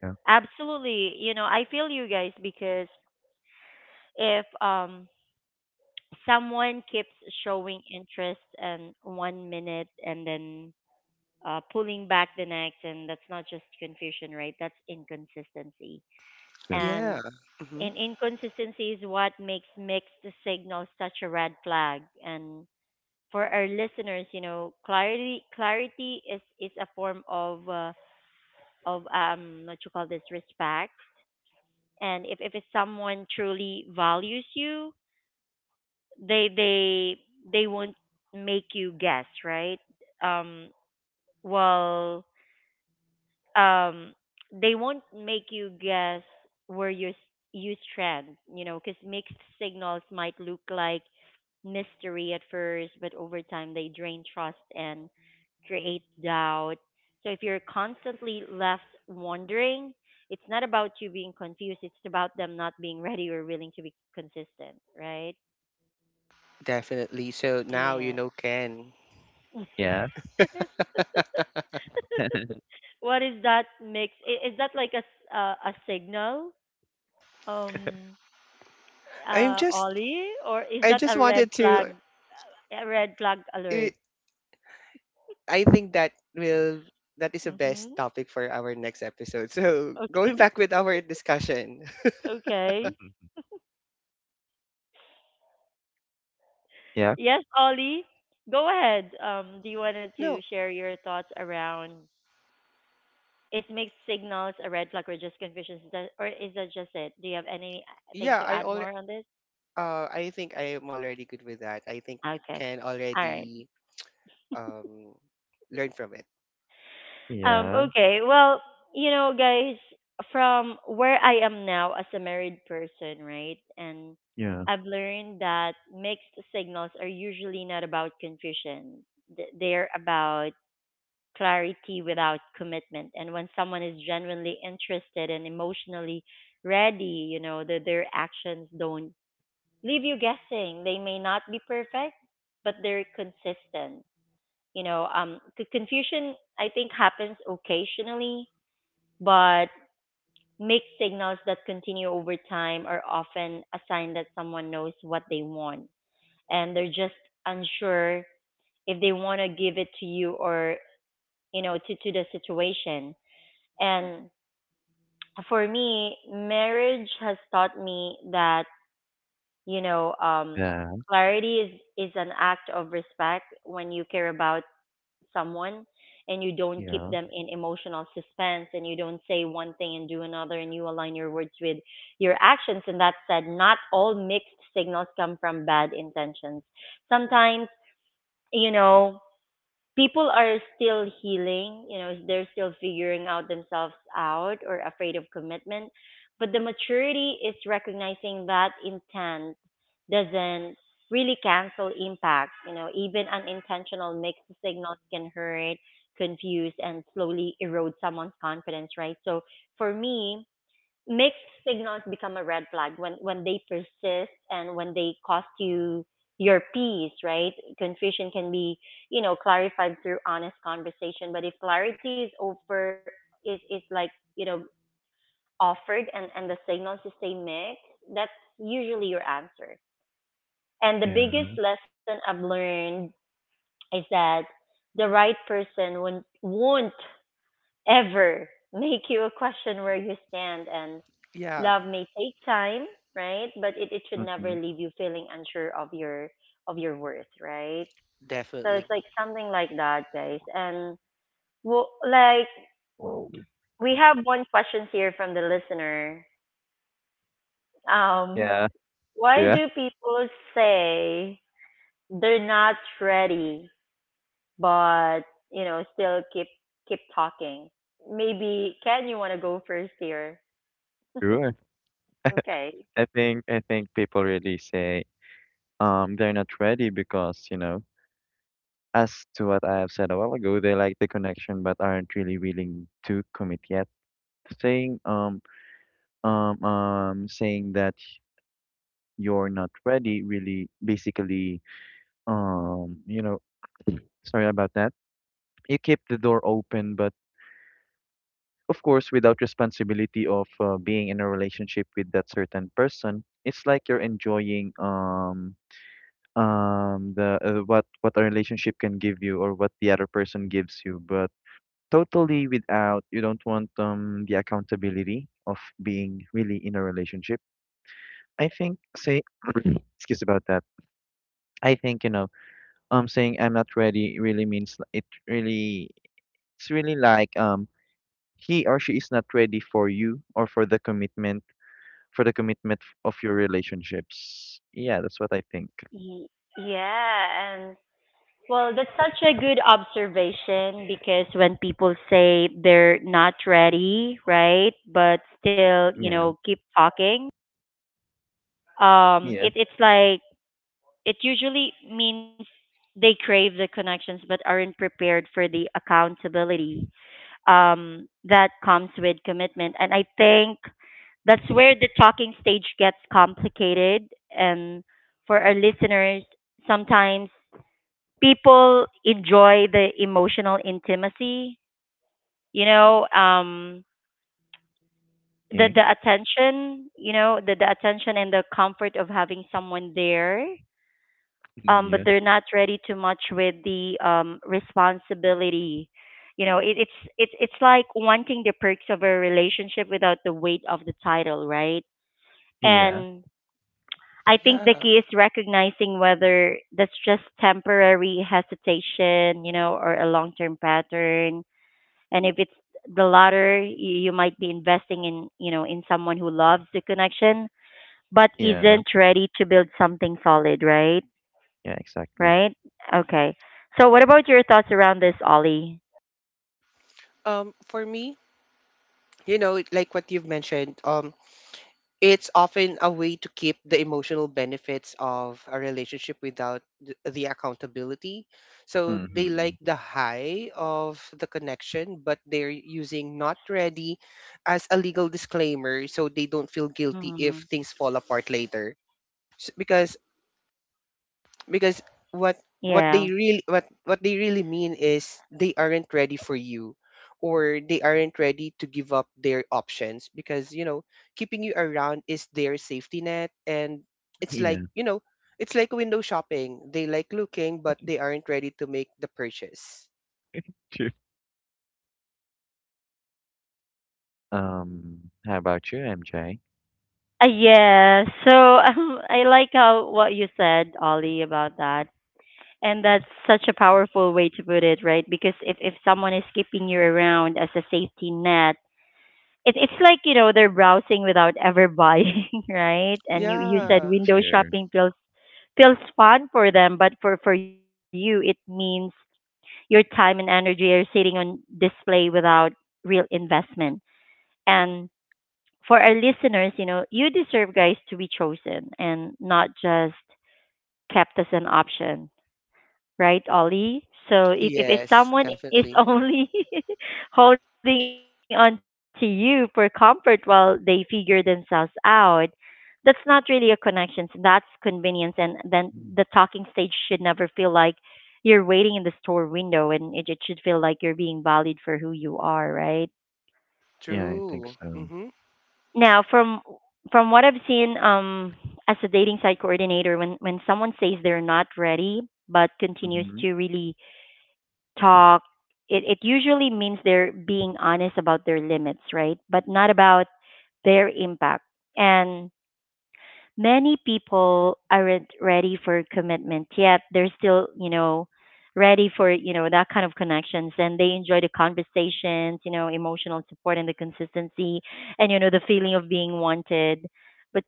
yeah,
absolutely. You know, I feel you guys because if someone keeps showing interest and one minute and then pulling back the next, and that's not just confusion, right? That's inconsistency.
sure.
Yeah.
And
Hmm.
in inconsistency is what makes mixed signals such a red flag. And for our listeners, you know, clarity is a form of what you call this respect. And if it's someone truly values you, they they won't make you guess, right? um well um they won't make you guess where you strand, you know, because mixed signals might look like mystery at first, but over time they drain trust and create doubt. So if you're constantly left wondering, it's not about you being confused, it's about them not being ready or willing to be consistent, right?
Definitely. So now you
Yeah.
know, Ken.
Yeah.
What is that is that like a signal, um
I'm just
Ollie, or is
I
that
just
a red
wanted to.
flag, a red flag
eh,
alert?
I think that is the
Mhm.
best topic for our next episode. So, going
Okay.
back with our discussion.
Okay.
Mhm. Yeah.
Yes, Ollie. Go ahead. Um, do you wanted
No.
to share your thoughts around is mixed signals a red flag or just confusion? Is that, or is that just it? Do you have anything
Yeah,
to
I
add
already.
more on this?
I think I am already good with that. I think
Okay.
can
All right.
already um learn from it.
Yeah,
Okay. Well, you know, guys, from where I am now as a married person, right? And
yeah,
I've learned that mixed signals are usually not about confusion. They're about clarity without commitment. And when someone is genuinely interested and emotionally ready, you know, that their actions don't leave you guessing. They may not be perfect, but they're consistent. You know, confusion I think happens occasionally, but mixed signals that continue over time are often a sign that someone knows what they want, and they're just unsure if they want to give it to you or, you know, to the situation. And for me, marriage has taught me that, you know,
yeah,
clarity is an act of respect. When you care about someone, and you don't keep
yeah,
them in emotional suspense, and you don't say one thing and do another, and you align your words with your actions. And that said, not all mixed signals come from bad intentions. Sometimes, you know, people are still healing, you know, they're still figuring out themselves out or afraid of commitment. But the maturity is recognizing that intent doesn't really cancel impact. You know, even unintentional mixed signals can hurt, confuse, and slowly erode someone's confidence, right? So for me, mixed signals become a red flag when they persist and when they cost you your peace, right? Confusion can be, you know, clarified through honest conversation, but if clarity is over is is like, you know, offered, and the signals is stay mixed, that's usually your answer. And the
yeah.
biggest lesson I've learned is that the right person won't ever make you a question where you stand. And
Yeah,
love may take time, right, but it should never
Mm-hmm.
leave you feeling unsure of your worth, right? So it's
definitely.
like something like that, guys. And well, like,
Whoa.
we have one question here from the listener. Um,
Yeah.
why
Yeah.
do people say they're not ready but, you know, still keep talking? Maybe Ken, you want to go first here?
Sure.
Okay.
I think people really say they're not ready because, you know, as to what I have said a while ago, they like the connection but aren't really willing to commit yet. Saying um saying that you're not ready, really. Basically um you know sorry about that. You keep the door open but of course without responsibility of being in a relationship with that certain person. It's like you're enjoying the what a relationship can give you or what the other person gives you, but totally without you don't want the accountability of being really in a relationship. I think say Excuse about that. I think saying I'm not ready really it really, it's really like he or she is not ready for you or for the commitment, for the commitment of your relationships. Yeah, that's what I think.
Y- Yeah. And well, that's such a good observation, because when people say they're not ready, right, but still, you
Yeah.
know, keep talking,
Yeah.
it's like it usually means they crave the connections but aren't prepared for the accountability that comes with commitment. And I think that's where the talking stage gets complicated. And for our listeners, sometimes people enjoy the emotional intimacy, you know, the
Yeah.
attention, you know, the attention and the comfort of having someone there. But
Yeah.
they're not ready too much with the responsibility. You know, it's it's like wanting the perks of a relationship without the weight of the title, right?
Yeah.
And I think the
Yeah.
key is recognizing whether that's just temporary hesitation, you know, or a long term pattern. And if it's the latter, you might be investing in, you know, in someone who loves the connection but
Yeah.
isn't ready to build something solid, right?
Yeah, exactly.
Right. Okay. So what about your thoughts around this, Ollie?
For me, like what you've mentioned, it's often a way to keep the emotional benefits of a relationship without the accountability. So they like
Mm-hmm.
the high of the connection, but they're using not ready as a legal disclaimer, so they don't feel guilty
Hmm.
if things fall apart later. S- Because because what what
Yeah.
they really what what they really mean is they aren't ready for you, or they aren't ready to give up their options because, keeping you around is their safety net. And it's like,
Yeah.
it's like window shopping. They like looking, but they aren't ready to make the purchase.
Sure. um how about you, MJ?
Yeah, so I like how what you said, Ollie, about that. And that's such a powerful way to put it, right? Because if someone is keeping you around as a safety net, it's like, you know, they're browsing without ever buying right? And you
Mhm.
said
Yeah.
window
Sure.
shopping feels fun for them, but for you it means your time and energy are sitting on display without real investment. And for our listeners, you know, you deserve, guys, to be chosen and not just kept as an option, right, Ollie? So if
Yes,
someone is
definitely.
only holding on to you for comfort while they figure themselves out, that's not really a connection. So that's convenience. And then the talking
Mm.
stage should never feel like you're waiting in the store window, and it should feel like you're being valued for who you are, right?
Yeah, I think
True.
so.
Mm-hmm.
Now, from what I've seen, as a dating site coordinator, when someone says they're not ready but continues
Mhm.
to really talk, it usually means they're being honest about their limits, right, but not about their impact. And many people aren't ready for commitment yet. They're still, you know, ready for, you know, that kind of connections, and they enjoy the conversations, you know, emotional support and the consistency, and, you know, the feeling of being wanted. But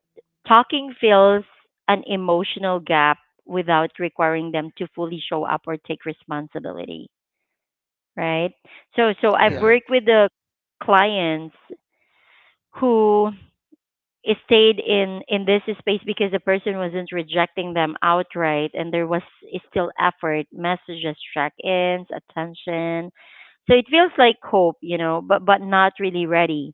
talking fills an emotional gap without requiring them to fully show up or take responsibility, right? So I've
Yeah.
Yeah.
worked with the clients who stayed in this space because the person wasn't rejecting them outright, and there was still effort, messages, check-ins, attention. So it feels like hope, you know, but not really ready.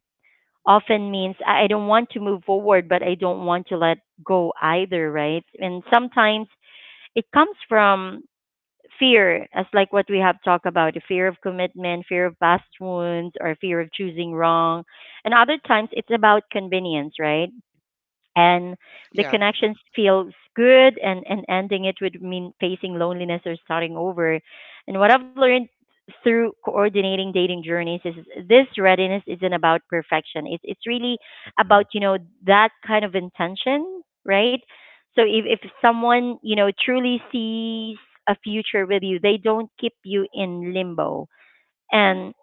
Often means I don't want to move forward, but I don't want to let go either, right? And sometimes it comes from fear, as like what we have talked about, the fear of commitment, fear of past wounds, or fear of choosing wrong. And other times it's about convenience, right? And the
Yeah.
connections feels good, and ending it would mean facing loneliness or starting over. And what I've learned through coordinating dating journeys is this readiness isn't about perfection. It's really
Mhm.
about, you know, that kind of intention, right? So if someone, you know, truly sees a future with you, they don't keep you in limbo, and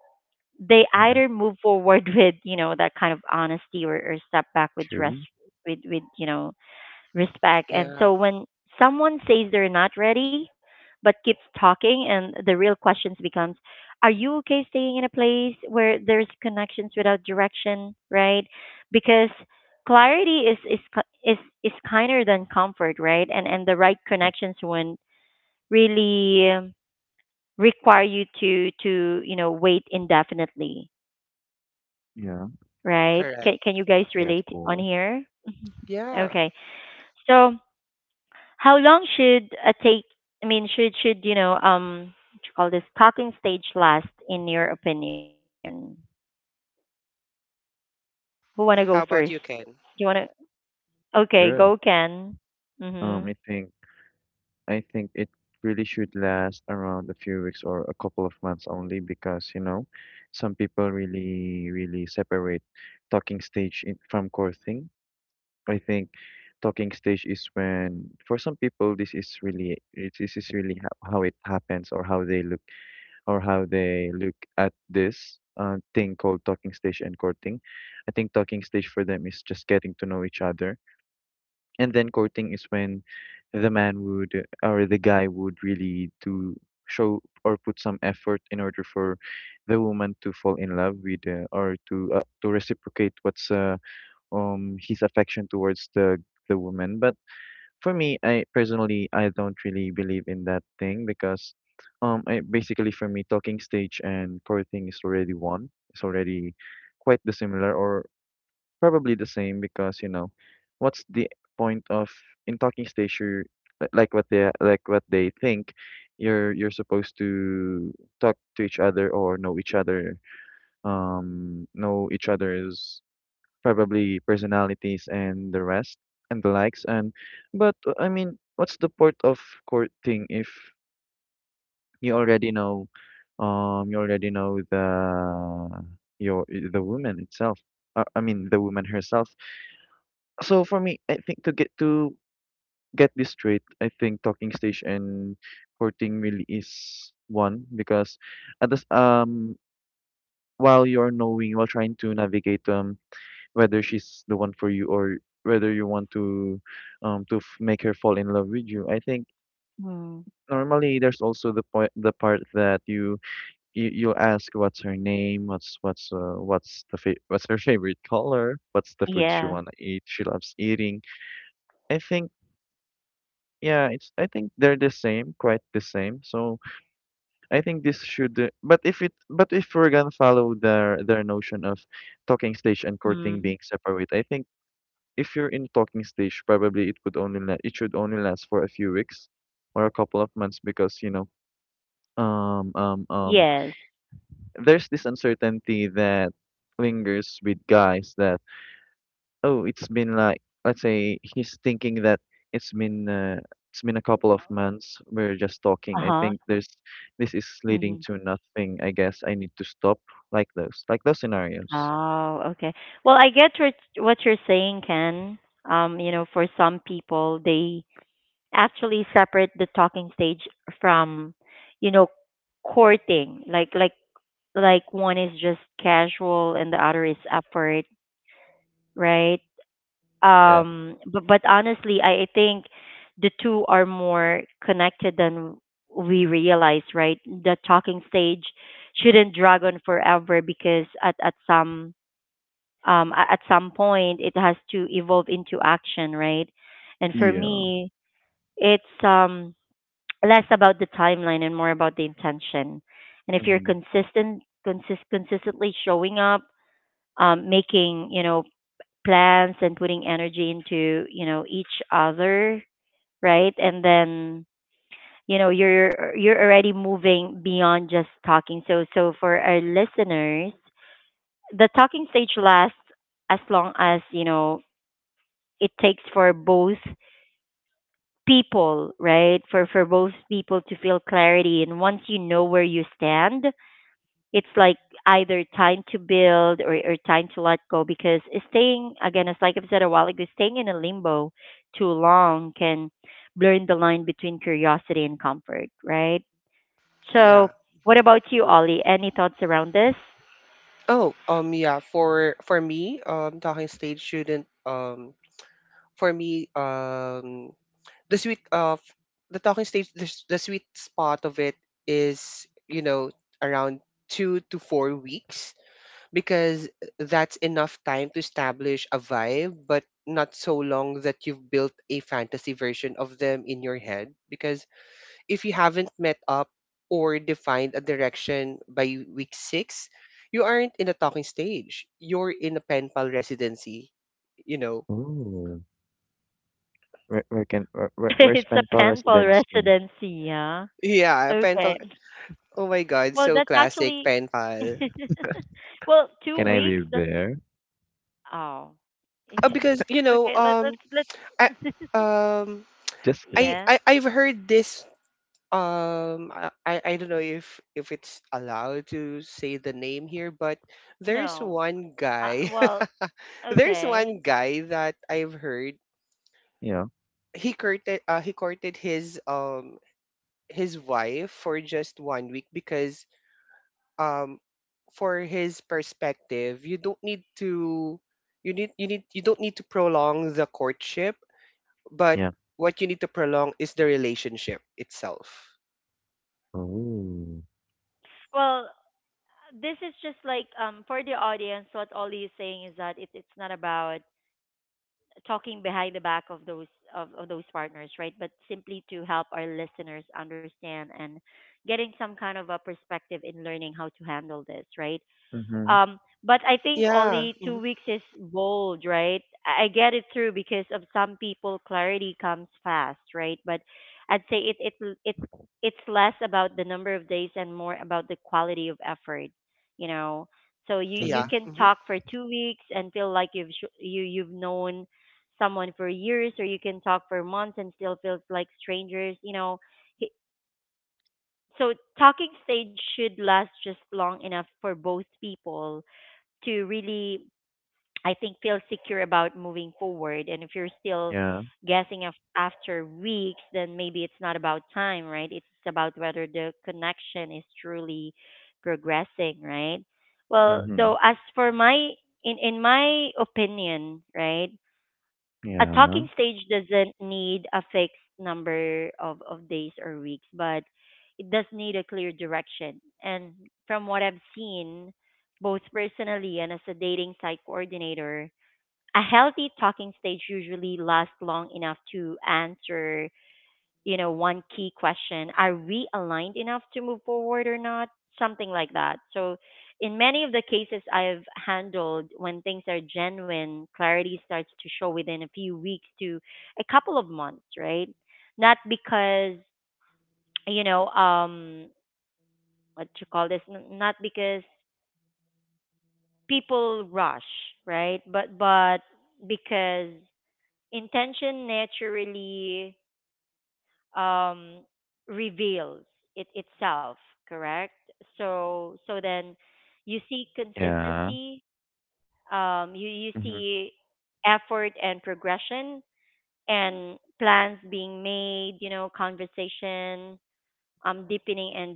they
Yeah.
either move forward with, you know, that kind of honesty, or step back with rest,
True.
with, you know, respect. And
Yeah,
so when someone says they're not ready but keeps talking, and the real questions becomes, are you okay staying in a place where there's connections without direction, right? Because clarity is ki- is kinder than comfort, right? And the right
Yeah.
connections won't really require you to, you know, wait indefinitely,
Yeah.
right? Can you guys
correct.
relate on
Yeah, of
here?
course.
Okay.
Yeah.
So how long should a take, I mean, should, you know, what you call this talking stage last in your opinion? Who wanna go
How
first?
about you, Ken?
You wanna? Okay,
Sure.
go Ken. Mhm.
I think, I think it really should last around a few weeks or a couple of months only because, you know, some people really, really separate talking stage in, from courting. I think talking stage is when, for some people this is really it, this is really how it happens or how they look, or how they look at this thing called talking stage and courting. I think talking stage for them is just getting to know each other, and then courting is when the man would, or the guy would really do, show or put some effort in order for the woman to fall in love with or to reciprocate what's his affection towards the woman. But for me, I personally, I don't really believe in that thing because, basically for me, talking stage and core thing is already one. It's already quite the similar, or probably the same, because, you know, what's the point of in talking stage? Like what they, like what they think, you're supposed to talk to each other or know each other, know each other's probably personalities and the rest, and the likes. And but I mean, what's the point of courting if you already know, you already know the woman itself, I mean the woman herself. So for me, I think, to get this straight, I think talking stage and courting really is one, because at this while you're knowing, while trying to navigate whether she's the one for you, or whether you want to make her fall in love with you. I think
Mm.
normally there's also the point, the part that you you'll ask what's her name, what's the what's her favorite color, what's the food she
Yeah.
wanna eat, she loves eating. I think, yeah, it's, I think they're the same, quite the same. So I think this should but if it, but if we're gonna follow their notion of talking stage and courting
Mm.
being separate, I think if you're in talking stage, probably it would only it should only last for a few weeks or a couple of months, because, you know, um um um
Yes.
there's this uncertainty that lingers with guys that, oh, it's been like, let's say he's thinking that it's been uh, it's been a couple of months we're just
Uh
talking, I
huh.
think there's, this is leading
Mm-hmm.
to nothing, I guess I need to stop, like those, like those scenarios.
Oh, okay. Well, I get what you're saying, Ken. You know, for some people, they actually separate the talking stage from, you know, courting. Like one is just casual and the other is effort, right?
Yeah.
But honestly, I think the two are more connected than we realize, right? The talking stage shouldn't drag on forever, because at some at some point it has to evolve into action, right? And for
Yeah.
me, it's less about the timeline and more about the intention. And if you're
Hmm.
consistently showing up, making, you know, plans and putting energy into, you know, each other, right? And then you know you're already moving beyond just talking. So so for our listeners, the talking stage lasts as long as, you know, it takes for both people, right? For both people to feel clarity. And once you know where you stand, it's like either time to build, or time to let go, because staying, again, as like I've said a while ago, staying in a limbo too long can blur the line between curiosity and comfort, right? So
Yeah.
what
Mm-hmm.
about you, Ollie? Any thoughts around this?
Oh, yeah. For me, talking stage shouldn't for me the sweet of the sweet spot of it is around 2 to 4 weeks, because that's enough time to establish a vibe, but not so long that you've built a fantasy version of them in your head. Because if you haven't met up or defined a direction by week 6, you aren't in a talking stage. You're in a pen pal residency, you know.
Oh. Where's
It's a
Penpal
painful
residency?
residency, yeah.
Yeah, pen pal.
Okay.
Oh my god,
Well,
so
that's
classic
actually
pen pal.
well, two
Can I
weeks
live
that's
there?
oh
Because
okay,
I,
let's
um,
Just kidding.
yeah
I've heard this. I don't know if it's allowed to say the name here, but there's
no.
one guy.
Well,
There's one
okay.
guy that I've heard
You know.
He courted his wife for just one week, because, um for his perspective, you don't need to prolong the courtship. But
Yeah.
what you need to prolong is the relationship itself.
Oh.
Well, this is just like, for the audience, what Ollie is saying is that it's not about talking behind the back of those of those partners, right? But simply to help our listeners understand and getting some kind of a perspective in learning how to handle this, right?
Mm-hmm.
Um, but I think
Yeah.
only two
Mhm.
weeks is bold, right? I get it through, because of some people clarity comes fast, right? But I'd say it it's less about the number of days and more about the quality of effort, you know. So you
Mm-hmm.
Yeah.
can
Hmm.
talk for 2 weeks and feel like you you've known someone for years, or you can talk for months and still feels like strangers, you know. He- So talking stage should last just long enough for both people to really, I think, feel secure about moving forward. And if you're still
Yeah.
guessing after weeks, then maybe it's not about time, right? It's about whether the connection is truly progressing, right? Well,
Mm-hmm.
though, as for my in my opinion, right? A
Yeah.
talking stage doesn't need a fixed number of days or weeks, but it does need a clear direction. And from what I've seen, both personally and as a dating site coordinator, a healthy talking stage usually lasts long enough to answer, you know, one key question: are we aligned enough to move forward or not? Something like that. So, in many of the cases I've handled, when things are genuine, clarity starts to show within a few weeks to a couple of months, right? Not because, you know, what you call this, not because people rush, right? But because intention naturally um, reveals it itself, correct? So so then you see
Yeah.
consistency, you
Mm-hmm.
see effort and progression and plans being made, you know, conversation, deepening and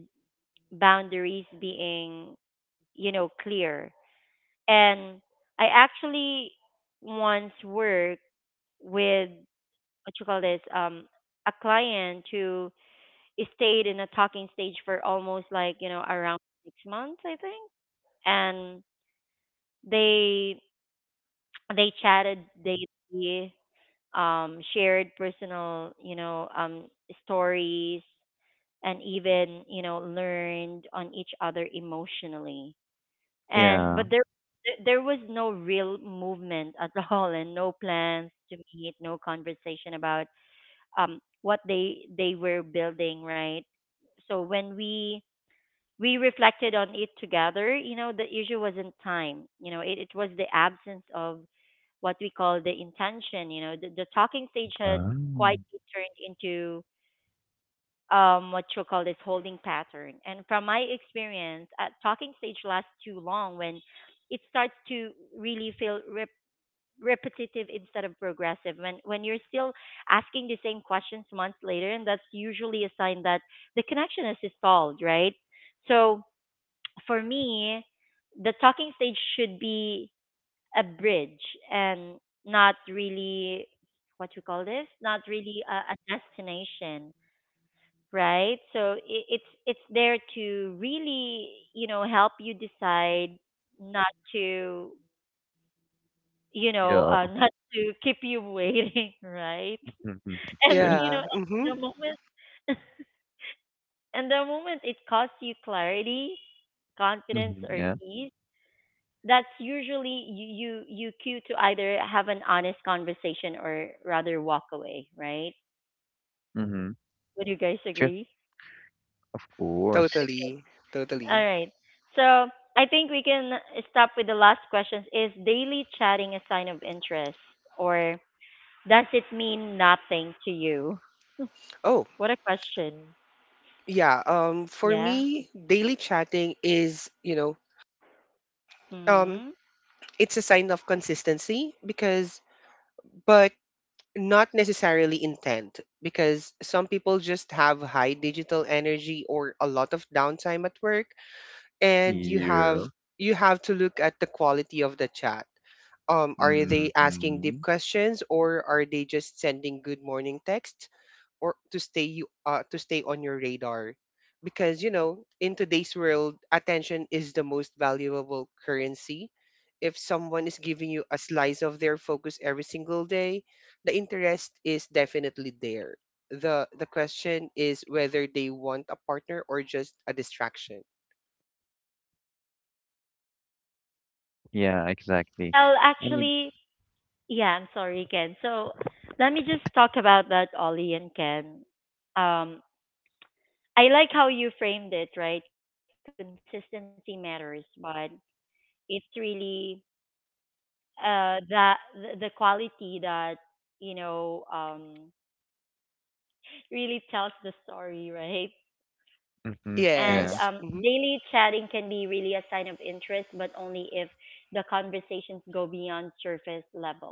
boundaries being, you know, clear. And I actually once worked with, what you call this, a client who stayed in a talking stage for almost, like, you know, around 6 months, I think. And they they chatted daily, shared personal, you know, stories, and even, you know, learned on each other emotionally. And
Yeah.
but there was no real movement at all, and no plans to meet, no conversation about what they were building, right? So when we reflected on it together. You know, the issue wasn't time. You know, it was the absence of what we call the intention. You know, the talking stage had
Ah.
quietly turned into, what you call this, holding pattern. And from my experience, a talking stage lasts too long when it starts to really feel repetitive instead of progressive. When you're still asking the same questions months later, and that's usually a sign that the connection is stalled, right? So for me, the talking stage should be a bridge and not really, what you call this, not really a destination, right? So it's there to really, you know, help you decide not to, you know,
Yeah.
not to keep you waiting, right?
Mm-hmm.
And
Sure.
you know
Yeah.
at
Hmm.
the moment and the moment it costs you clarity, confidence,
Mm-hmm.
or
Yeah.
peace, that's usually you you cue to either have an honest conversation or rather walk away, right?
Mm-hmm.
Would you guys
Sure.
agree?
Of course.
Totally.
All
Totally.
right. So I think we can stop with the last questions. Is daily chatting a sign of interest, or does it mean nothing to you?
Oh,
What a question.
yeah. For
Yeah.
me, daily chatting is you know um
Hmm.
it's a sign of consistency. Because But not necessarily intent, because some people just have high digital energy or a lot of downtime at work, and you
Yeah.
have you have to look at the quality of the chat. Are they asking deep
Mm-hmm.
questions, or are they just sending good morning texts or to stay on your radar? Because, in today's world, attention is the most valuable currency. If someone is giving you a slice of their focus every single day, the interest is definitely there. The question is whether they want a partner or just a distraction.
Yeah, exactly.
Well,
I need.
actually, yeah, I'm sorry, Ken. So let me just talk about that, Ollie and Ken. Um, I like how you framed it, right? Consistency matters, but it's really that the quality that, you know, really tells the story, right?
Mm-hmm.
And
Yeah.
Yes. Hmm.
daily chatting can be really a sign of interest, but only if the conversations go beyond surface level.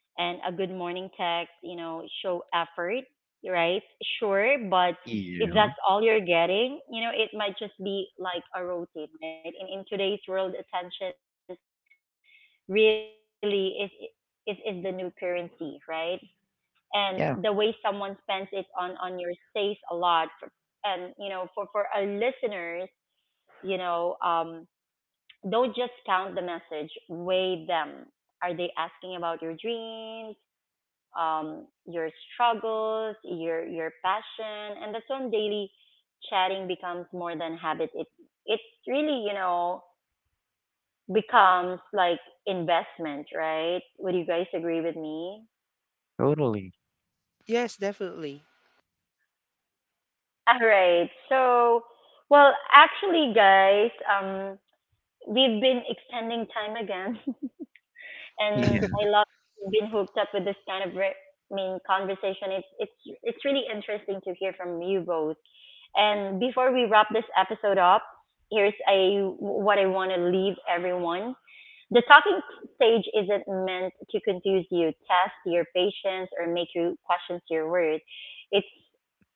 And a good morning text, you know, show effort, right? Sure, but if that's
Yeah.
all you're getting, you know, it might just be like a routine, right? And in today's world, attention really is is the new currency, right? And the way someone spends it
Yeah,
on your says a lot. For, and you know, for our listeners, you know, don't just count the message, weigh them. Are they asking about your dreams? Your struggles, your passion? And that's when daily chatting becomes more than habit. It really, you know, becomes like investment, right? Would you guys agree with me?
totally.
Yes, definitely.
All right. So, well, actually, guys, um, we've been extending time again. And I
Yeah.
love being hooked up with this kind of I mean conversation. It's it's really interesting to hear from you both. And before we wrap this episode up, here's a what I want to leave everyone. The talking stage isn't meant to confuse you, test your patience, or make you question your words. It's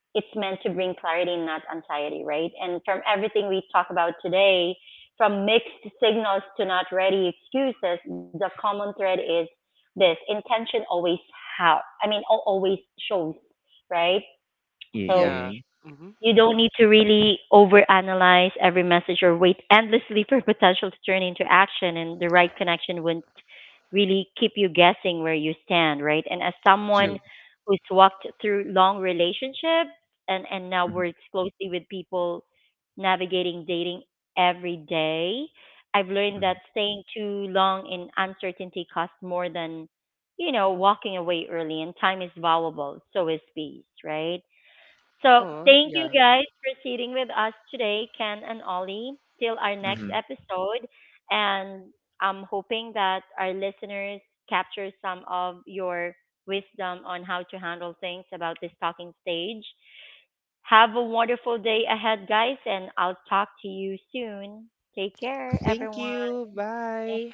it's meant to bring clarity, not anxiety, right? And from everything we talk about today, from mixed signals to not ready excuses, the common thread is this: intention always, how, I mean, always shows, right?
Yeah,
So
yeah.
Yeah. Hmm.
you don't need to really overanalyze every message or wait endlessly for potential to turn into action, and the right connection wouldn't really keep you guessing where you stand, right? And as someone
Mm-hmm.
True.
who's walked through long relationships and now
Mm-hmm.
works closely with people navigating dating every day, I've learned that
Mm-hmm.
staying too long in uncertainty costs more than, you know, walking away early, and time is valuable, so is peace, right? So
Oh,
thank you
yeah.
guys for sitting with us today, Ken and Ollie, till our next
Mm-hmm.
episode. And I'm hoping that our listeners capture some of your wisdom on how to handle things about this talking stage. Have a wonderful day ahead, guys, and I'll talk to you soon. Take care,
Thank
everyone.
you. Bye.